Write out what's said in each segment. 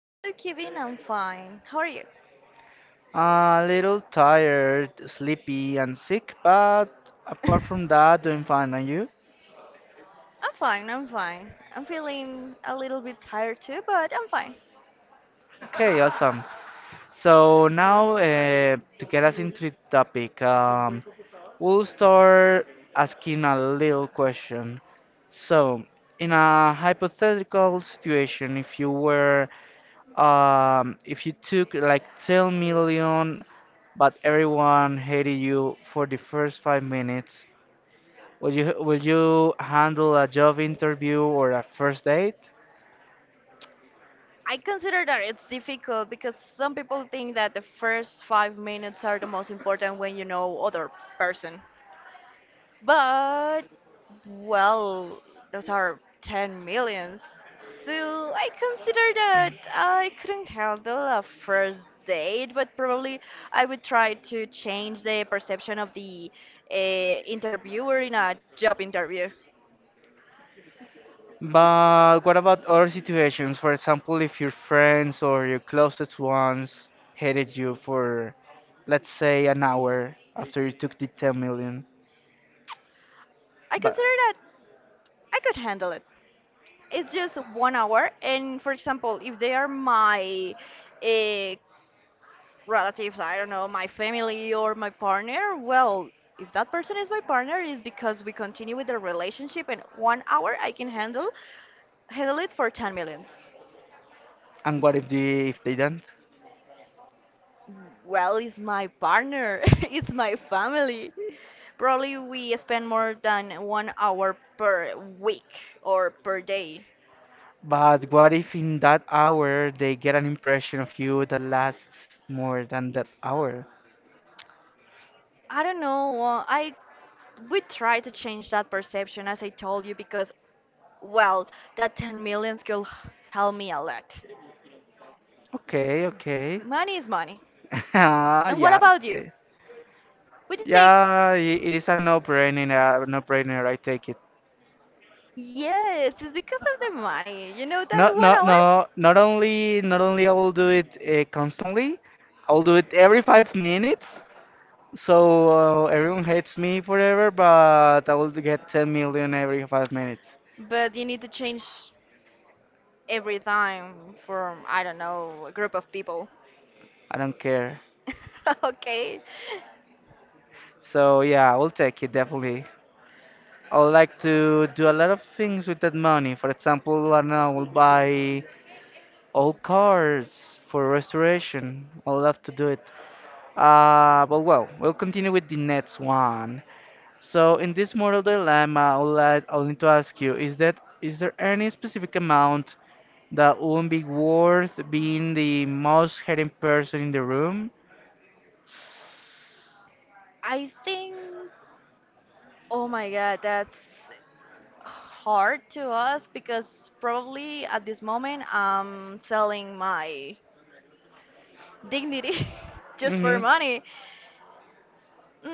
Hello, Kevin. I'm fine. How are you? A little tired, sleepy, and sick, but I'm apart from that, doing fine. And you? fine. I'm fine. I'm feeling a little bit tired too, but I'm fine. Okay, awesome. So now, to get us into the topic. We'll start asking a little question. So, in a hypothetical situation, if you took like 10 million, but everyone hated you for the first 5 minutes, would you handle a job interview or a first date? I consider that it's difficult because some people think that the first 5 minutes are the most important when you know other person. But, well, those are 10 millions. So I consider that I couldn't handle a first date, but probably I would try to change the perception of the interviewer in a job interview. But what about other situations? For example, if your friends or your closest ones hated you for, let's say, an hour after you took the 10 million. I But consider that I could handle it. It's just 1 hour, and for example, if they are my uh, relatives, I don't know, my family or my partner, well, if that person is my partner, is because we continue with the relationship and 1 hour I can handle it for 10 millions. and what if they don't? Well, it's my partner, it's my family. Probably we spend more than 1 hour per week or per day. But what if in that hour they get an impression of you that lasts more than that hour? I don't know. I we try to change that perception, as I told you, because well, that 10 millions could help me a lot. Okay, okay. Money is money. Ah, And what yeah. about you? eh, Would you take? Yeah, it is a no-brainer, I take it. Yes, it's because of the money. You know that Not one not hour? no, not only not only I will do it constantly, I will do it every 5 minutes. So everyone hates me forever, but I will get 10 million every 5 minutes. But you need to change every time from, I don't know, a group of people. I don't care. Okay. So yeah, I will take it definitely. I would like to do a lot of things with that money. For example, I don't know, I will buy old cars for restoration. I would love to do it. But well, we'll continue with the next one. So in this moral dilemma, I would need to ask you, is there any specific amount that wouldn't be worth being the most hating person in the room? I think, oh my God, that's hard to us because probably at this moment I'm selling my dignity just for Hmm. money.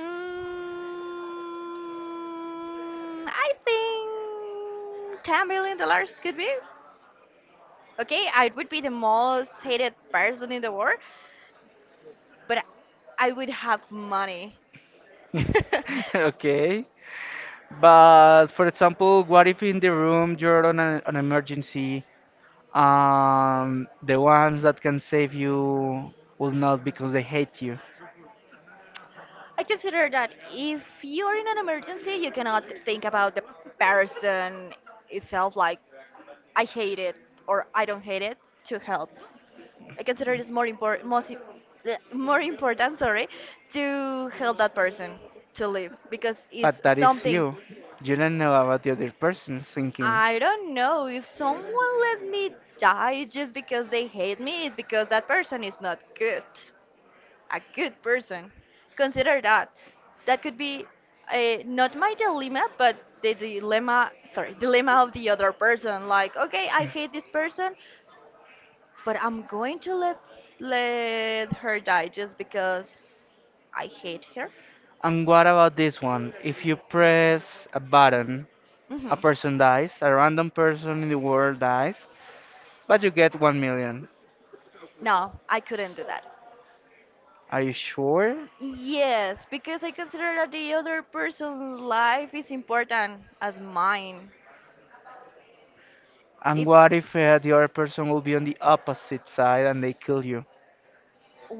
I think $10 billion could be okay. I would be the most hated person in the world, but I would have money. Okay. But for example, what if in the room you're on an emergency, the ones that can save you will not because they hate you? I consider that if you're in an emergency, you cannot think about the person itself, like I hate it or I don't hate it to help. I consider it's more important, more important, sorry, to help that person to live because it's But that is something. you. You don't know about the other person's thinking. I don't know if someone let me die just because they hate me. It's because that person is not good, a good person. Consider that. That could be not my dilemma, but the dilemma, sorry, dilemma of the other person. Like, okay, I hate this person, but I'm going to let her die just because I hate her. And what about this one? If you press a button, a Hmm. person dies, a random person in the world dies, but you get 1 million. No, I couldn't do that. Are you sure? Yes, because I consider that the other person's life is important as mine. And It what if the other person will be on the opposite side and they kill you?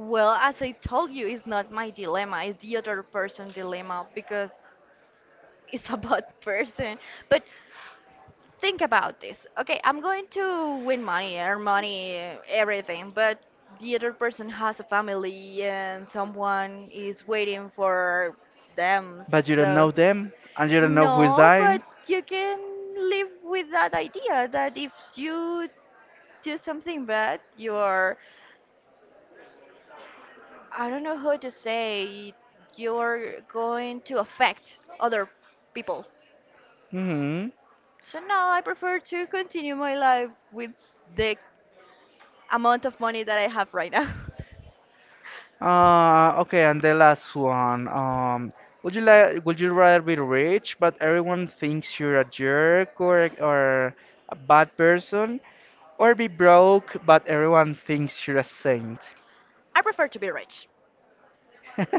well, as I told you, it's not my dilemma, it's the other person's dilemma because it's a bad person. But think about this. Okay, I'm going to win money, earn money, everything, but the other person has a family and someone is waiting for them. But you don't So, know them and you don't know who is no, but dying. you can live with that idea that if you do something bad, I don't know how to say, you're going to affect other people. Hmm. So now I prefer to continue my life with the amount of money that I have right now. Okay, and the last one. Would you like? Would you rather be rich, but everyone thinks you're a jerk or a bad person, or be broke, but everyone thinks you're a saint? I prefer to be rich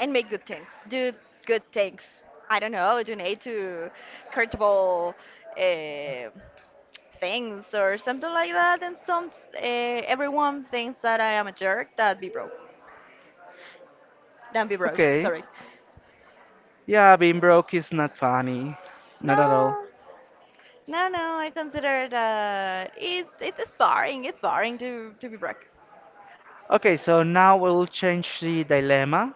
and make good things, do good things. I don't know, donate to charitable uh, things or something like that. And some everyone thinks that I am a jerk. That be broke. That be broke. Okay. Sorry. Yeah, being broke is not funny. Not at all. No, no, no. I consider that it's boring. It's boring to be broke. Okay, so now we'll change the dilemma.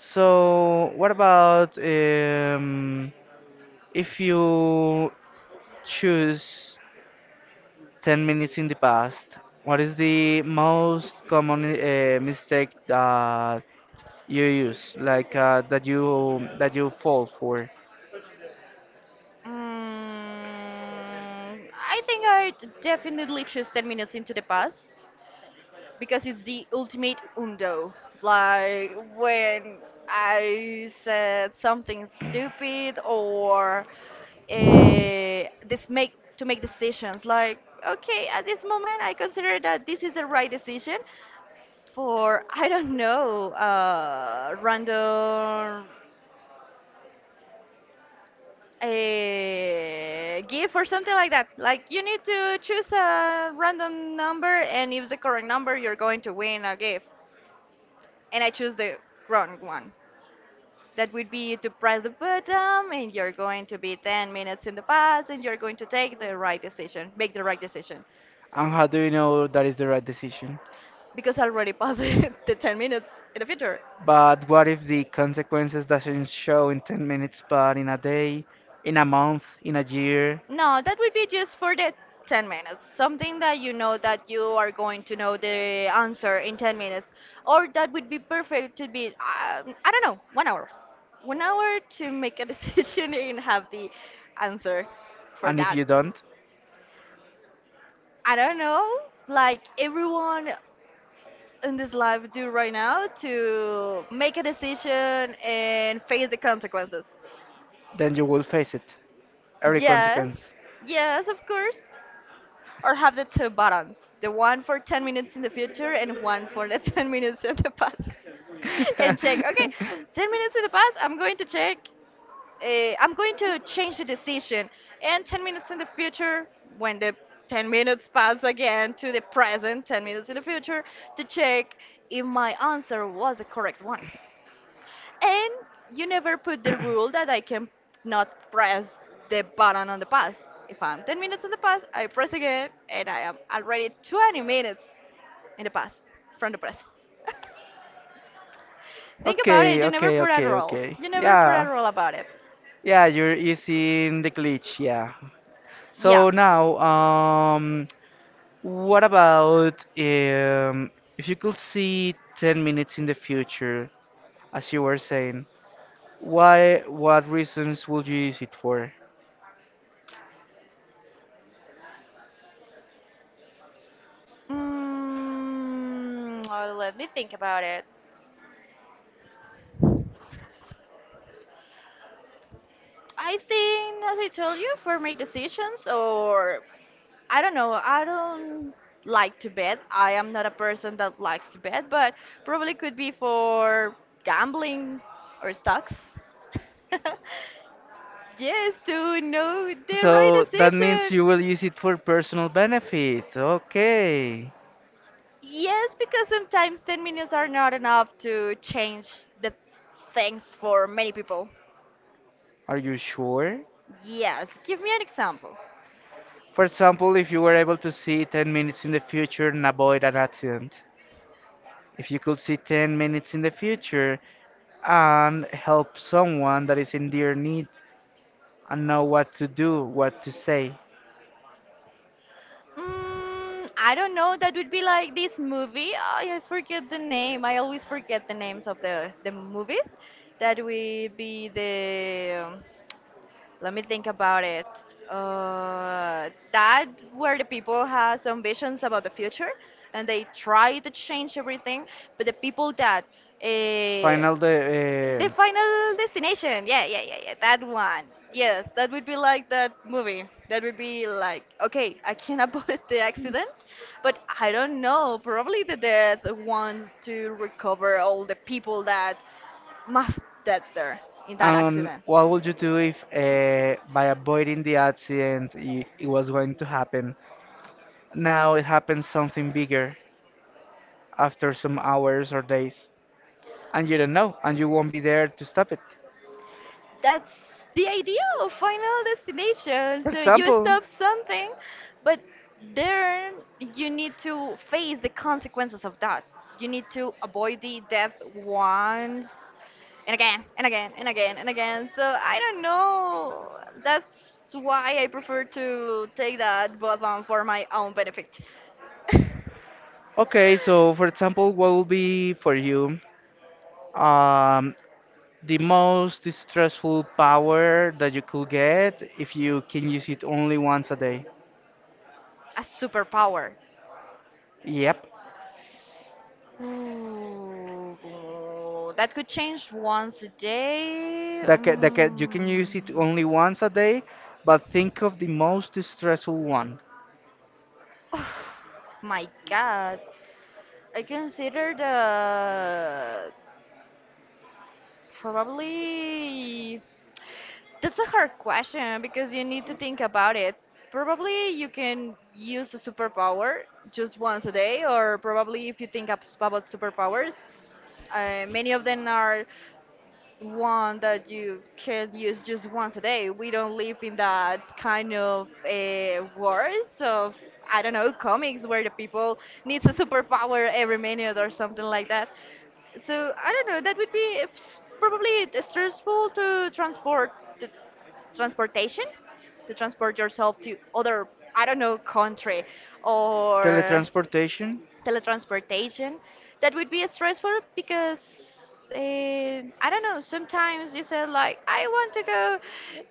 So, what about if you choose 10 minutes in the past? What is the most common mistake that you use, like that you fall for, I think I definitely choose 10 minutes into the past because it's the ultimate undo. Like when I said something stupid or this make to make decisions. Like, okay, at this moment I consider that this is the right decision for, I don't know, random a gift or something like that. Like you need to choose a random number, and if the correct number, you're going to win a gift. And I choose the wrong one. That would be to press the button and you're going to be 10 minutes in the past and you're going to take the right decision, make the right decision, and how do you know that is the right decision? because I already passed the 10 minutes in the future. But what if the consequences doesn't show in 10 minutes but in a day, in a month, in a year, No, that would be just for the 10 minutes. Something that you know that you are going to know the answer in 10 minutes, or that would be perfect to be, I don't know, 1 hour. 1 hour to make a decision and have the answer for and if that. you don't, I don't know, like everyone in this life do right now, to make a decision and face the consequences. then you will face it. Every Yes, consequence. yes, of course. Or have the two buttons, the one for 10 minutes in the future and one for the 10 minutes in the past. And check, okay, 10 minutes in the past, I'm going to check, I'm going to change the decision. And 10 minutes in the future, when the 10 minutes pass again to the present, 10 minutes in the future, to check if my answer was the correct one. And you never put the rule that I can not press the button on the past. If I'm 10 minutes in the past, I press again, and I am already 20 minutes in the past from the present. Think about it. okay, You never okay, put a okay, rule. okay. You never put Yeah. a rule about it. Yeah, you're using the glitch, yeah. Yeah. So now, um What about if you could see 10 minutes in the future, as you were saying, what reasons would you use it for? Well, let me think about it. I think, as I told you, for my decisions, or I don't know, I don't like to bet. I am not a person that likes to bet, but probably could be for gambling or stocks. Yes, to know the right So that means you will decision. use it for personal benefit. Okay. Yes, because sometimes 10 minutes are not enough to change the things for many people. Are you sure? Yes, give me an example. For example, if you were able to see 10 minutes in the future and avoid an accident. If you could see 10 minutes in the future and help someone that is in dear need and know what to do, what to say. I don't know. That would be like this movie. I forget the name. I always forget the names of the movies. That would be the. Let me think about it. That where the people has visions about the future and they try to change everything, but the people that uh, Final the. The It's Final Destination. Yeah, yeah, yeah, yeah. That one. Yes, that would be like that movie. That would be like, okay, I can avoid the accident, but I don't know. Probably the death wants to recover all the people that must dead there in that And accident. what would you do if, by avoiding the accident, it was going to happen? Now it happens something bigger after some hours or days, and you don't know, and you won't be there to stop it. That's the idea of Final Destination. For So you example, stop something, but then you need to face the consequences of that. You need to avoid the death once, and again and again and again and again. So I don't know. That's why I prefer to take that button for my own benefit. A okay, so for example, what will be for you um, the most stressful power that you could get if you can use it only once a day? superpower. Yep, Ooh, that could change once a day. You can Mm. use it only once a day, but think of the most stressful one. Oh, my God. I consider the probably that's a hard question because you need to think about it. Probably you can use a superpower just once a day, or probably if you think about superpowers, many of them are one that you can use just once a day. We don't live in that kind of wars of, I don't know, comics where the people needs a superpower every minute or something like that. So I don't know. That would be probably stressful to to transportation transport yourself to other, I don't know, country, or Teletransportation. teletransportation. That would be stressful because, I don't know, sometimes you say like I want to go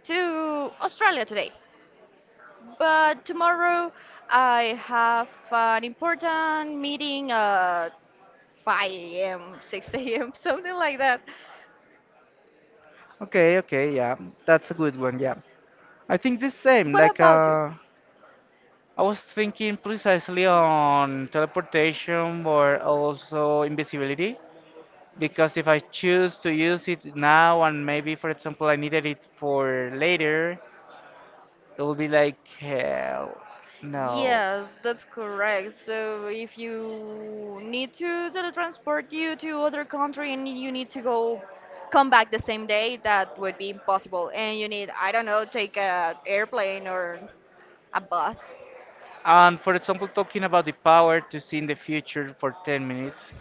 to Australia today, but tomorrow I have an important meeting at 5 a.m, 6 a.m, something like that. Okay, okay, yeah, that's a good one. Yeah, I think the same. What about you? I was thinking precisely on teleportation or also invisibility because if I choose to use it now and maybe, for example, I needed it for later, it will be like hell. No. Yes, that's correct. So if you need to teletransport you to other country and you need to go come back the same day, that would be impossible. And you need, I don't know, take a airplane or a bus. And for example, talking about the power to see in the future for 10 minutes,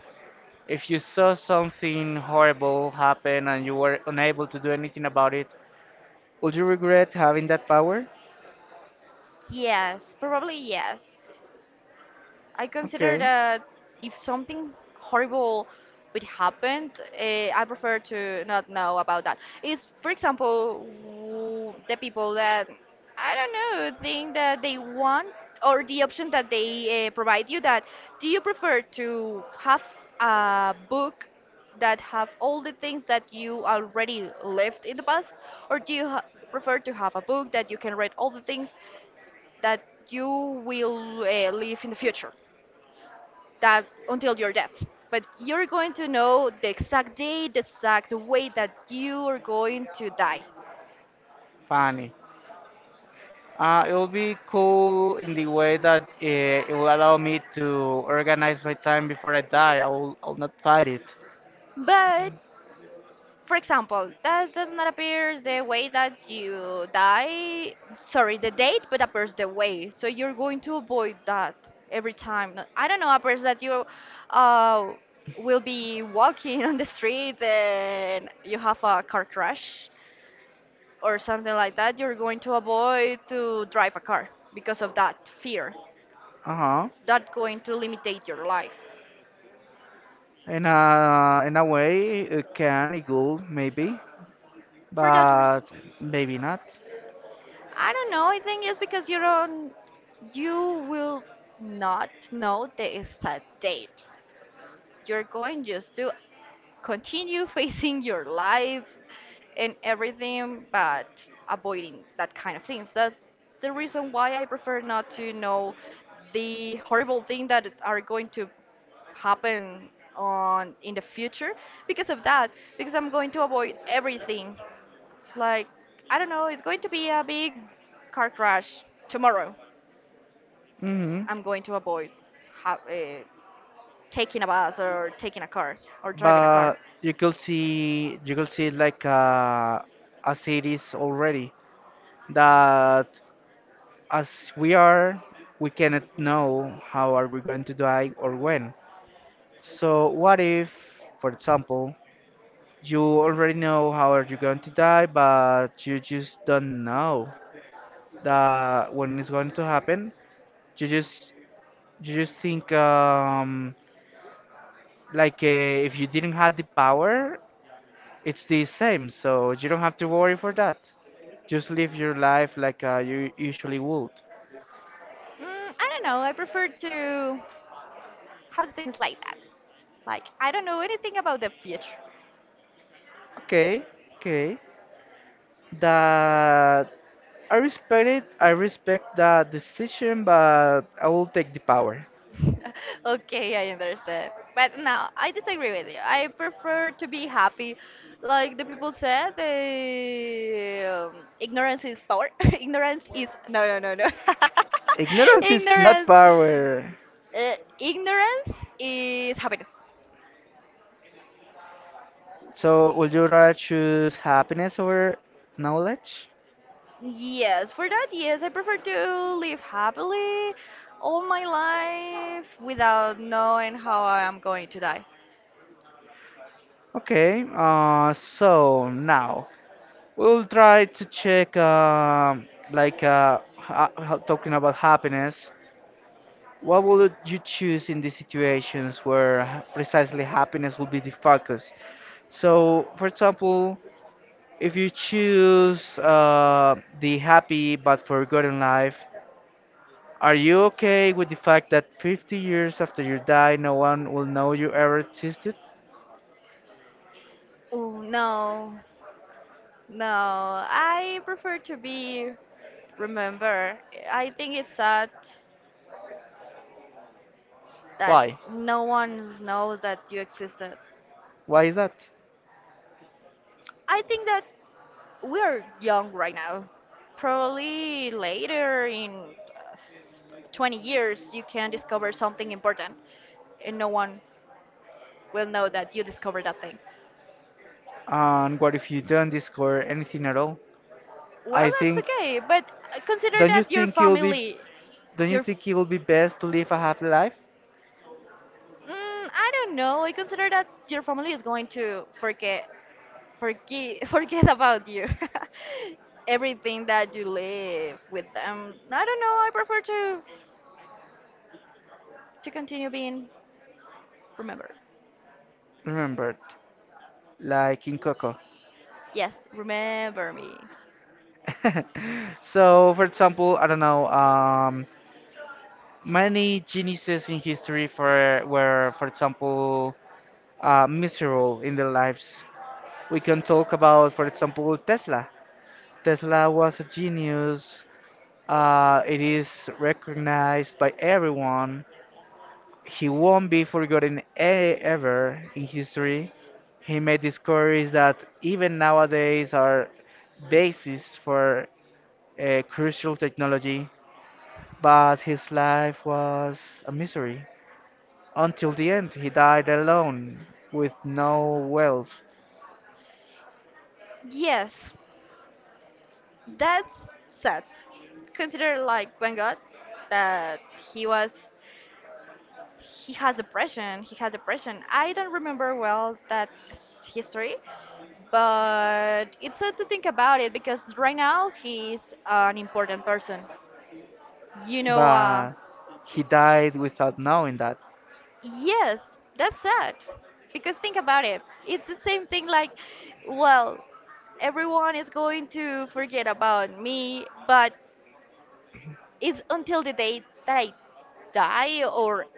if you saw something horrible happen and you were unable to do anything about it, would you regret having that power? Yes, probably yes. I consider Okay, that if something horrible would happen, I prefer to not know about that. It's, for example, the people that, I don't know, think that they want, or the option that they provide you, that, do you prefer to have a book that have all the things that you already lived in the past, or do you prefer to have a book that you can read all the things that you will live in the future? That until your death. But you're going to know the exact day, the exact way that you are going to die. funny. It will be cool in the way that it will allow me to organize my time before I die. I'll not fight it. But for example, that does not appear the way that you die. Sorry, the date, but appears the way. So you're going to avoid that every time. No- I don't know, appears that you, uh, will be walking on the street and you have a car crash or something like that. You're going to avoid to drive a car because of that fear. Uh-huh. That going to limitate your life In a way, it will, maybe, for that but reason. maybe not. I don't know. I think it's because you will not know the exact date. You're going just to continue facing your life and everything, but avoiding that kind of things. That's the reason why I prefer not to know the horrible thing that are going to happen on in the future, because of that, because I'm going to avoid everything. Like, I don't know, it's going to be a big car crash tomorrow. Mm-hmm. I'm going to avoid ha- uh, taking a bus or taking a car or driving a car. But you could see like a series already that as we are we cannot know how are we going to die or when, so what if, for example, you already know how are you going to die but you just don't know that when it's going to happen, you just think like if you didn't have the power, it's the same, so you don't have to worry for that. Just live your life like you usually would. Mm, I don't know. I prefer to have things like that. Like, I don't know anything about the future. Okay, okay. That I respect it. I respect that decision, but I will take the power. Okay, I understand. But no, I disagree with you. I prefer to be happy. Like the people said, ignorance is power. Ignorance is no, no, no, no. Ignorance is not ignorance, power. ignorance is happiness. So, would you rather choose happiness over knowledge? Yes, for that, yes, I prefer to live happily all my life without knowing how I am going to die. Okay, so now we'll try to check, talking about happiness. What would you choose in these situations where precisely happiness will be the focus? So, for example, if you choose the happy but forgotten life, are you okay with the fact that 50 years after you die, no one will know you ever existed? Oh no, no, I prefer to be remember. I think it's sad that Why? no one knows that you existed. Why is that? I think that we are young right now. Probably later in 20 years, you can discover something important and no one will know that you discovered that thing. And what if you don't discover anything at all? I Well, that's think okay, but consider Don't you that your think it will be family, don't you your, f- think it will be best to live a happy life? I don't know, I consider that your family is going to forget forget forget about you. Everything that you live with them, I don't know, I prefer to continue being remembered. Remembered, like in Coco. Yes, remember me. So, for example, I don't know, many geniuses in history for were, for example, miserable in their lives. We can talk about, for example, Tesla. Tesla was a genius. It is recognized by everyone. He won't be forgotten ever in history. He made discoveries that even nowadays are basis for crucial technology, but his life was a misery. Until the end, he died alone with no wealth, Yes, that's sad. Consider, like, when god, that he was he has depression he had depression. I don't remember well that history, but it's sad to think about it because right now he's an important person you know uh, but he died without knowing that. Yes, that's sad. Because think about it, it's the same thing, like, well, everyone is going to forget about me, but it's until the day that I die. Or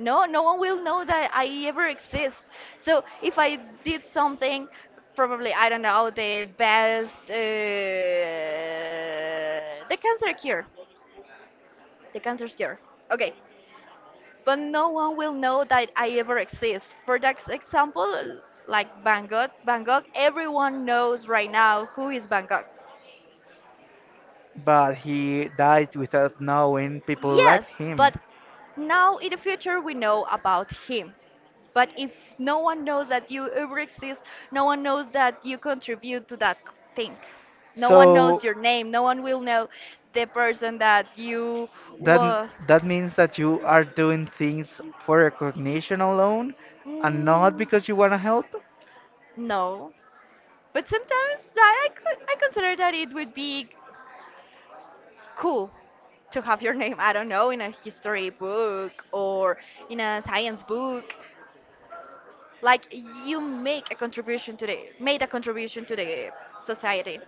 no, no one will know that I ever exist. So if I did something, probably, I don't know, the best, the cancer cure, the cancer cure. Okay, but no one will know that I ever exist. For that example, like Van Gogh, everyone knows right now who is Van Gogh. But he died without knowing people liked Yes, him. but now in the future we know about him. But if no one knows that you ever exist, no one knows that you contribute to that thing. No one So knows your name. No one will know the person that you That m- were. that means that you are doing things for recognition alone and not Mm, because you want to help. no. But sometimes I consider that it would be cool to have your name, I don't know, in a history book or in a science book. Like you make a contribution to the, made a contribution to the society.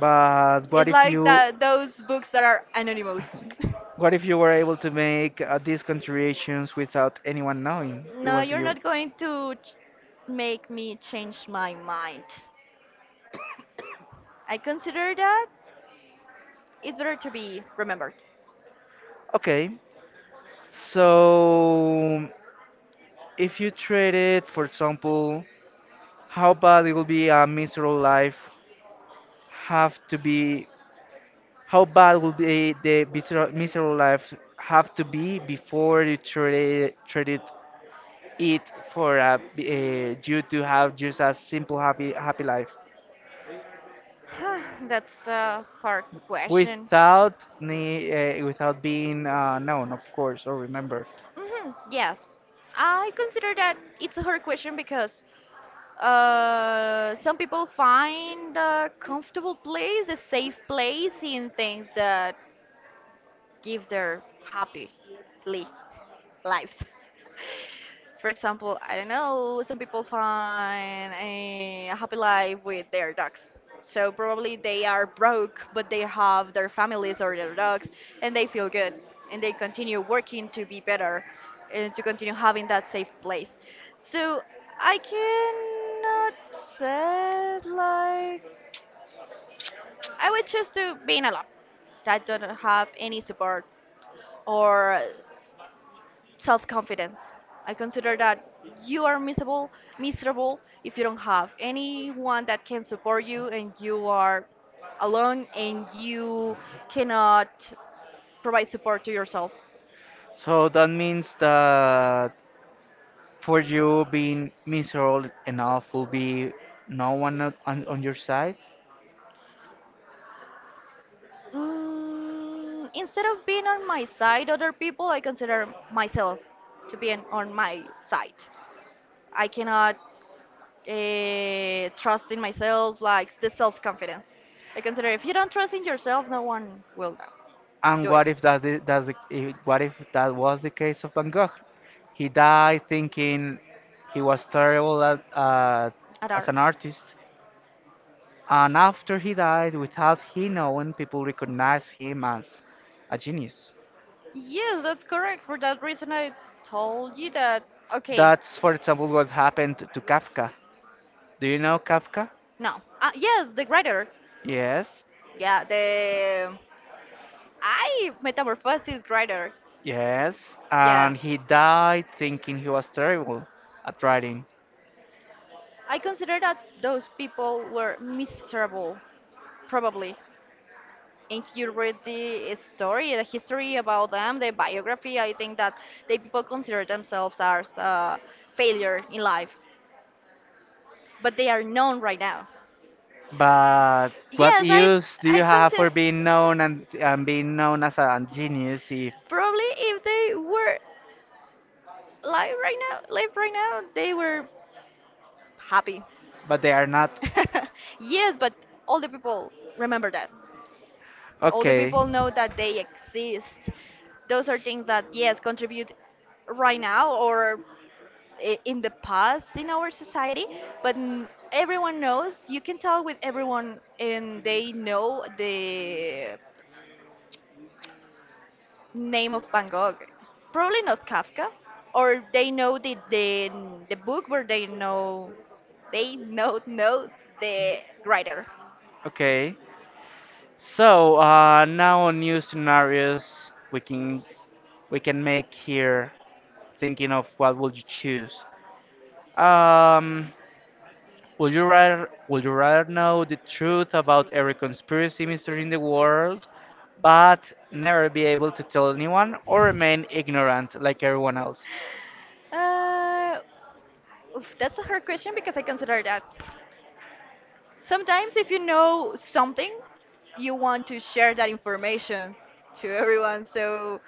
But what It's if like you that, those books that are anonymous. what if you were able to make these contributions without anyone knowing it No, was you're you? not going to make me change my mind. I consider that it's better to be remembered. Okay. So if you trade it, for example, how bad it will be a miserable life have to be how bad would be the miserable life have to be before you traded it for you to have just a simple happy life That's a hard question. without without being known, of course, or remembered. Hmm, yes, I consider that it's a hard question because some people find a comfortable place, a safe place in things that give their happily lives. For example, I don't know, some people find a happy life with their dogs. So probably they are broke, but they have their families or their dogs, and they feel good, and they continue working to be better, and to continue having that safe place. So I cannot say like, I would choose to being alone. I don't have any support or self-confidence. I consider that you are miserable if you don't have anyone that can support you and you are alone and you cannot provide support to yourself. So that means that for you being miserable enough will be no one on your side. Instead of being on my side, other people, I consider myself to be on my side. I cannot trust in myself, like the self confidence. I consider if you don't trust in yourself, no one will know. And Do what it. if that I- that's the, I- what if that was the case of Van Gogh? He died thinking he was terrible as Adar. an artist, and after he died, without he knowing, people recognized him as a genius. Yes, that's correct. For that reason, I told you that. Okay. That's, for example, what happened to Kafka. Do you know Kafka? No. Yes, the writer. Yes, Yeah, the. I metamorphosis writer. yes. Yeah. And he died thinking he was terrible at writing. I consider that those people were miserable, probably. If you read the story, the history about them, the biography, I think that the people consider themselves as a failure in life, but they are known right now. But what Yes, I use do I you have consider for being known and, being known as a genius if probably if they were live right now, they were happy. but they are not? Yes, but all the people remember that. All the, okay, Okay. people know that they exist. Those are things that yes contribute right now or in the past in our society, but everyone knows. You can talk with everyone, and they know the name of Van Gogh. Probably not Kafka, or they know the book where they know the writer. Okay. So now new scenarios we can make here, thinking of what would you choose. Um, would you rather know the truth about every conspiracy mystery in the world, but never be able to tell anyone, or remain ignorant like everyone else? Uh, Oof, that's a hard question because I consider that sometimes if you know something, you want to share that information to everyone. So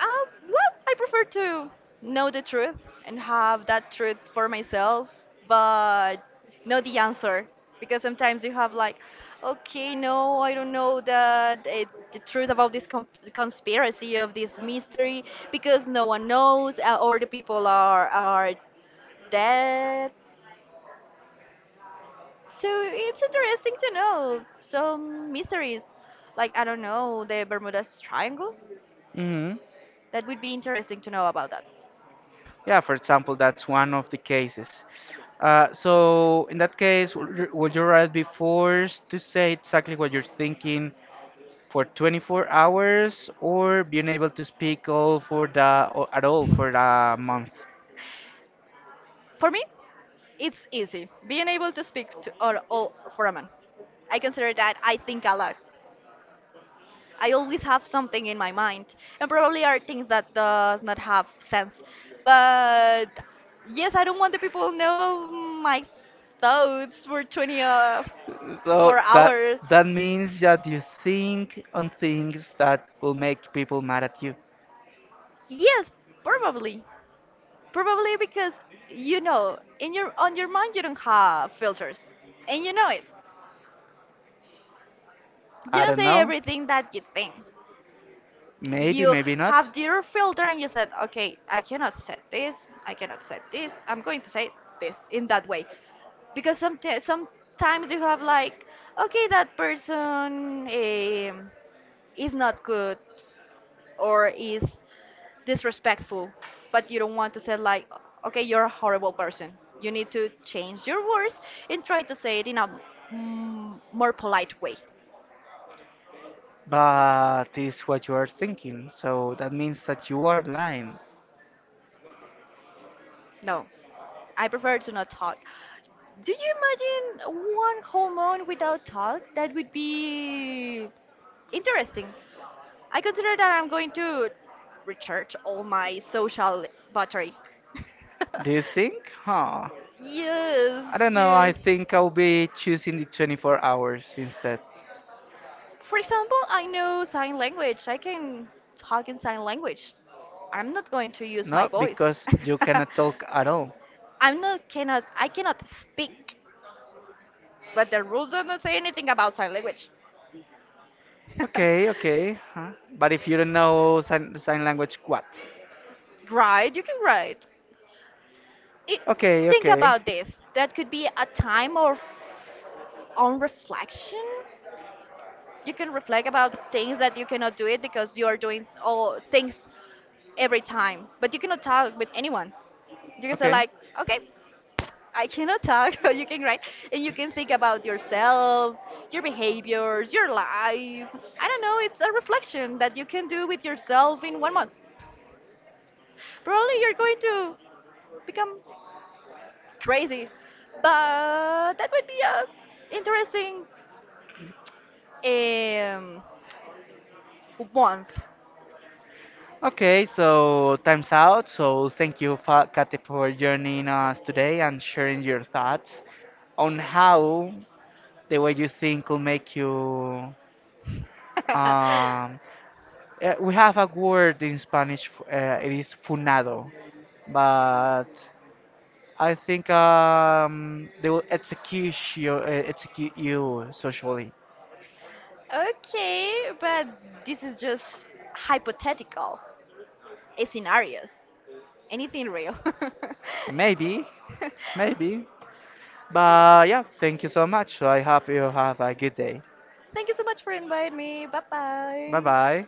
Um, well, I prefer to know the truth and have that truth for myself, but know the answer. Because sometimes you have like, okay, no, I don't know that the truth about this com conspiracy of this mystery because no one knows, or the people are dead. So it's interesting to know some mysteries. Like, I don't know, the Bermuda Triangle. Hmm. That would be interesting to know about that. Yeah, for example, that's one of the cases. So in that case, would you rather be forced to say exactly what you're thinking for 24 hours, or being able to speak all for the or at all for a month? For me? It's easy. Being able to speak to, or all for a man. I consider that I think a lot. I always have something in my mind, and probably are things that does not have sense. But yes, I don't want the people know my thoughts for 20 So four hours. that means that you think on things that will make people mad at you. Yes, probably. Probably because you know, in your on your mind you don't have filters. And you know it. You I don't don't say know. everything that you think. Maybe, You maybe not. have your filter and you said, okay, I cannot say this, I cannot say this, I'm going to say this in that way. Because sometimes you have like, okay, that person is not good or is disrespectful, but you don't want to say like, okay, you're a horrible person. You need to change your words and try to say it in a more polite way. But it's what you are thinking. So that means that you are lying. No, I prefer to not talk. Do you imagine one whole month without talk? That would be interesting. I consider that I'm going to recharge all my social battery. Do you think? Huh. Yes, I don't know. I yes. think I'll be choosing the 24 hours instead. For example, I know sign language. I can talk in sign language. I'm not going to use my No, voice. because you cannot talk at all. I cannot speak, but the rules do not say anything about sign language. Okay, okay. Huh? But if you don't know sign language, what? Right, you can write. It, Okay, think okay. about this. That could be a time of on reflection. You can reflect about things that you cannot do it because you are doing all things every time. But you cannot talk with anyone. You can say Okay. like, okay, I cannot talk. You can write and you can think about yourself, your behaviors, your life. I don't know. It's a reflection that you can do with yourself in one month. Probably you're going to become crazy. But that would be a interesting um, month. Okay, so time's out. So thank you, Kate, for joining us today and sharing your thoughts on how the way you think will make you. Um, we have a word in Spanish. It is funado, but I think they will execute you socially. Okay, but this is just hypothetical scenarios. Anything real. Maybe, maybe. But yeah, thank you so much. So I hope you have a good day. Thank you so much for inviting me. Bye Bye bye. bye.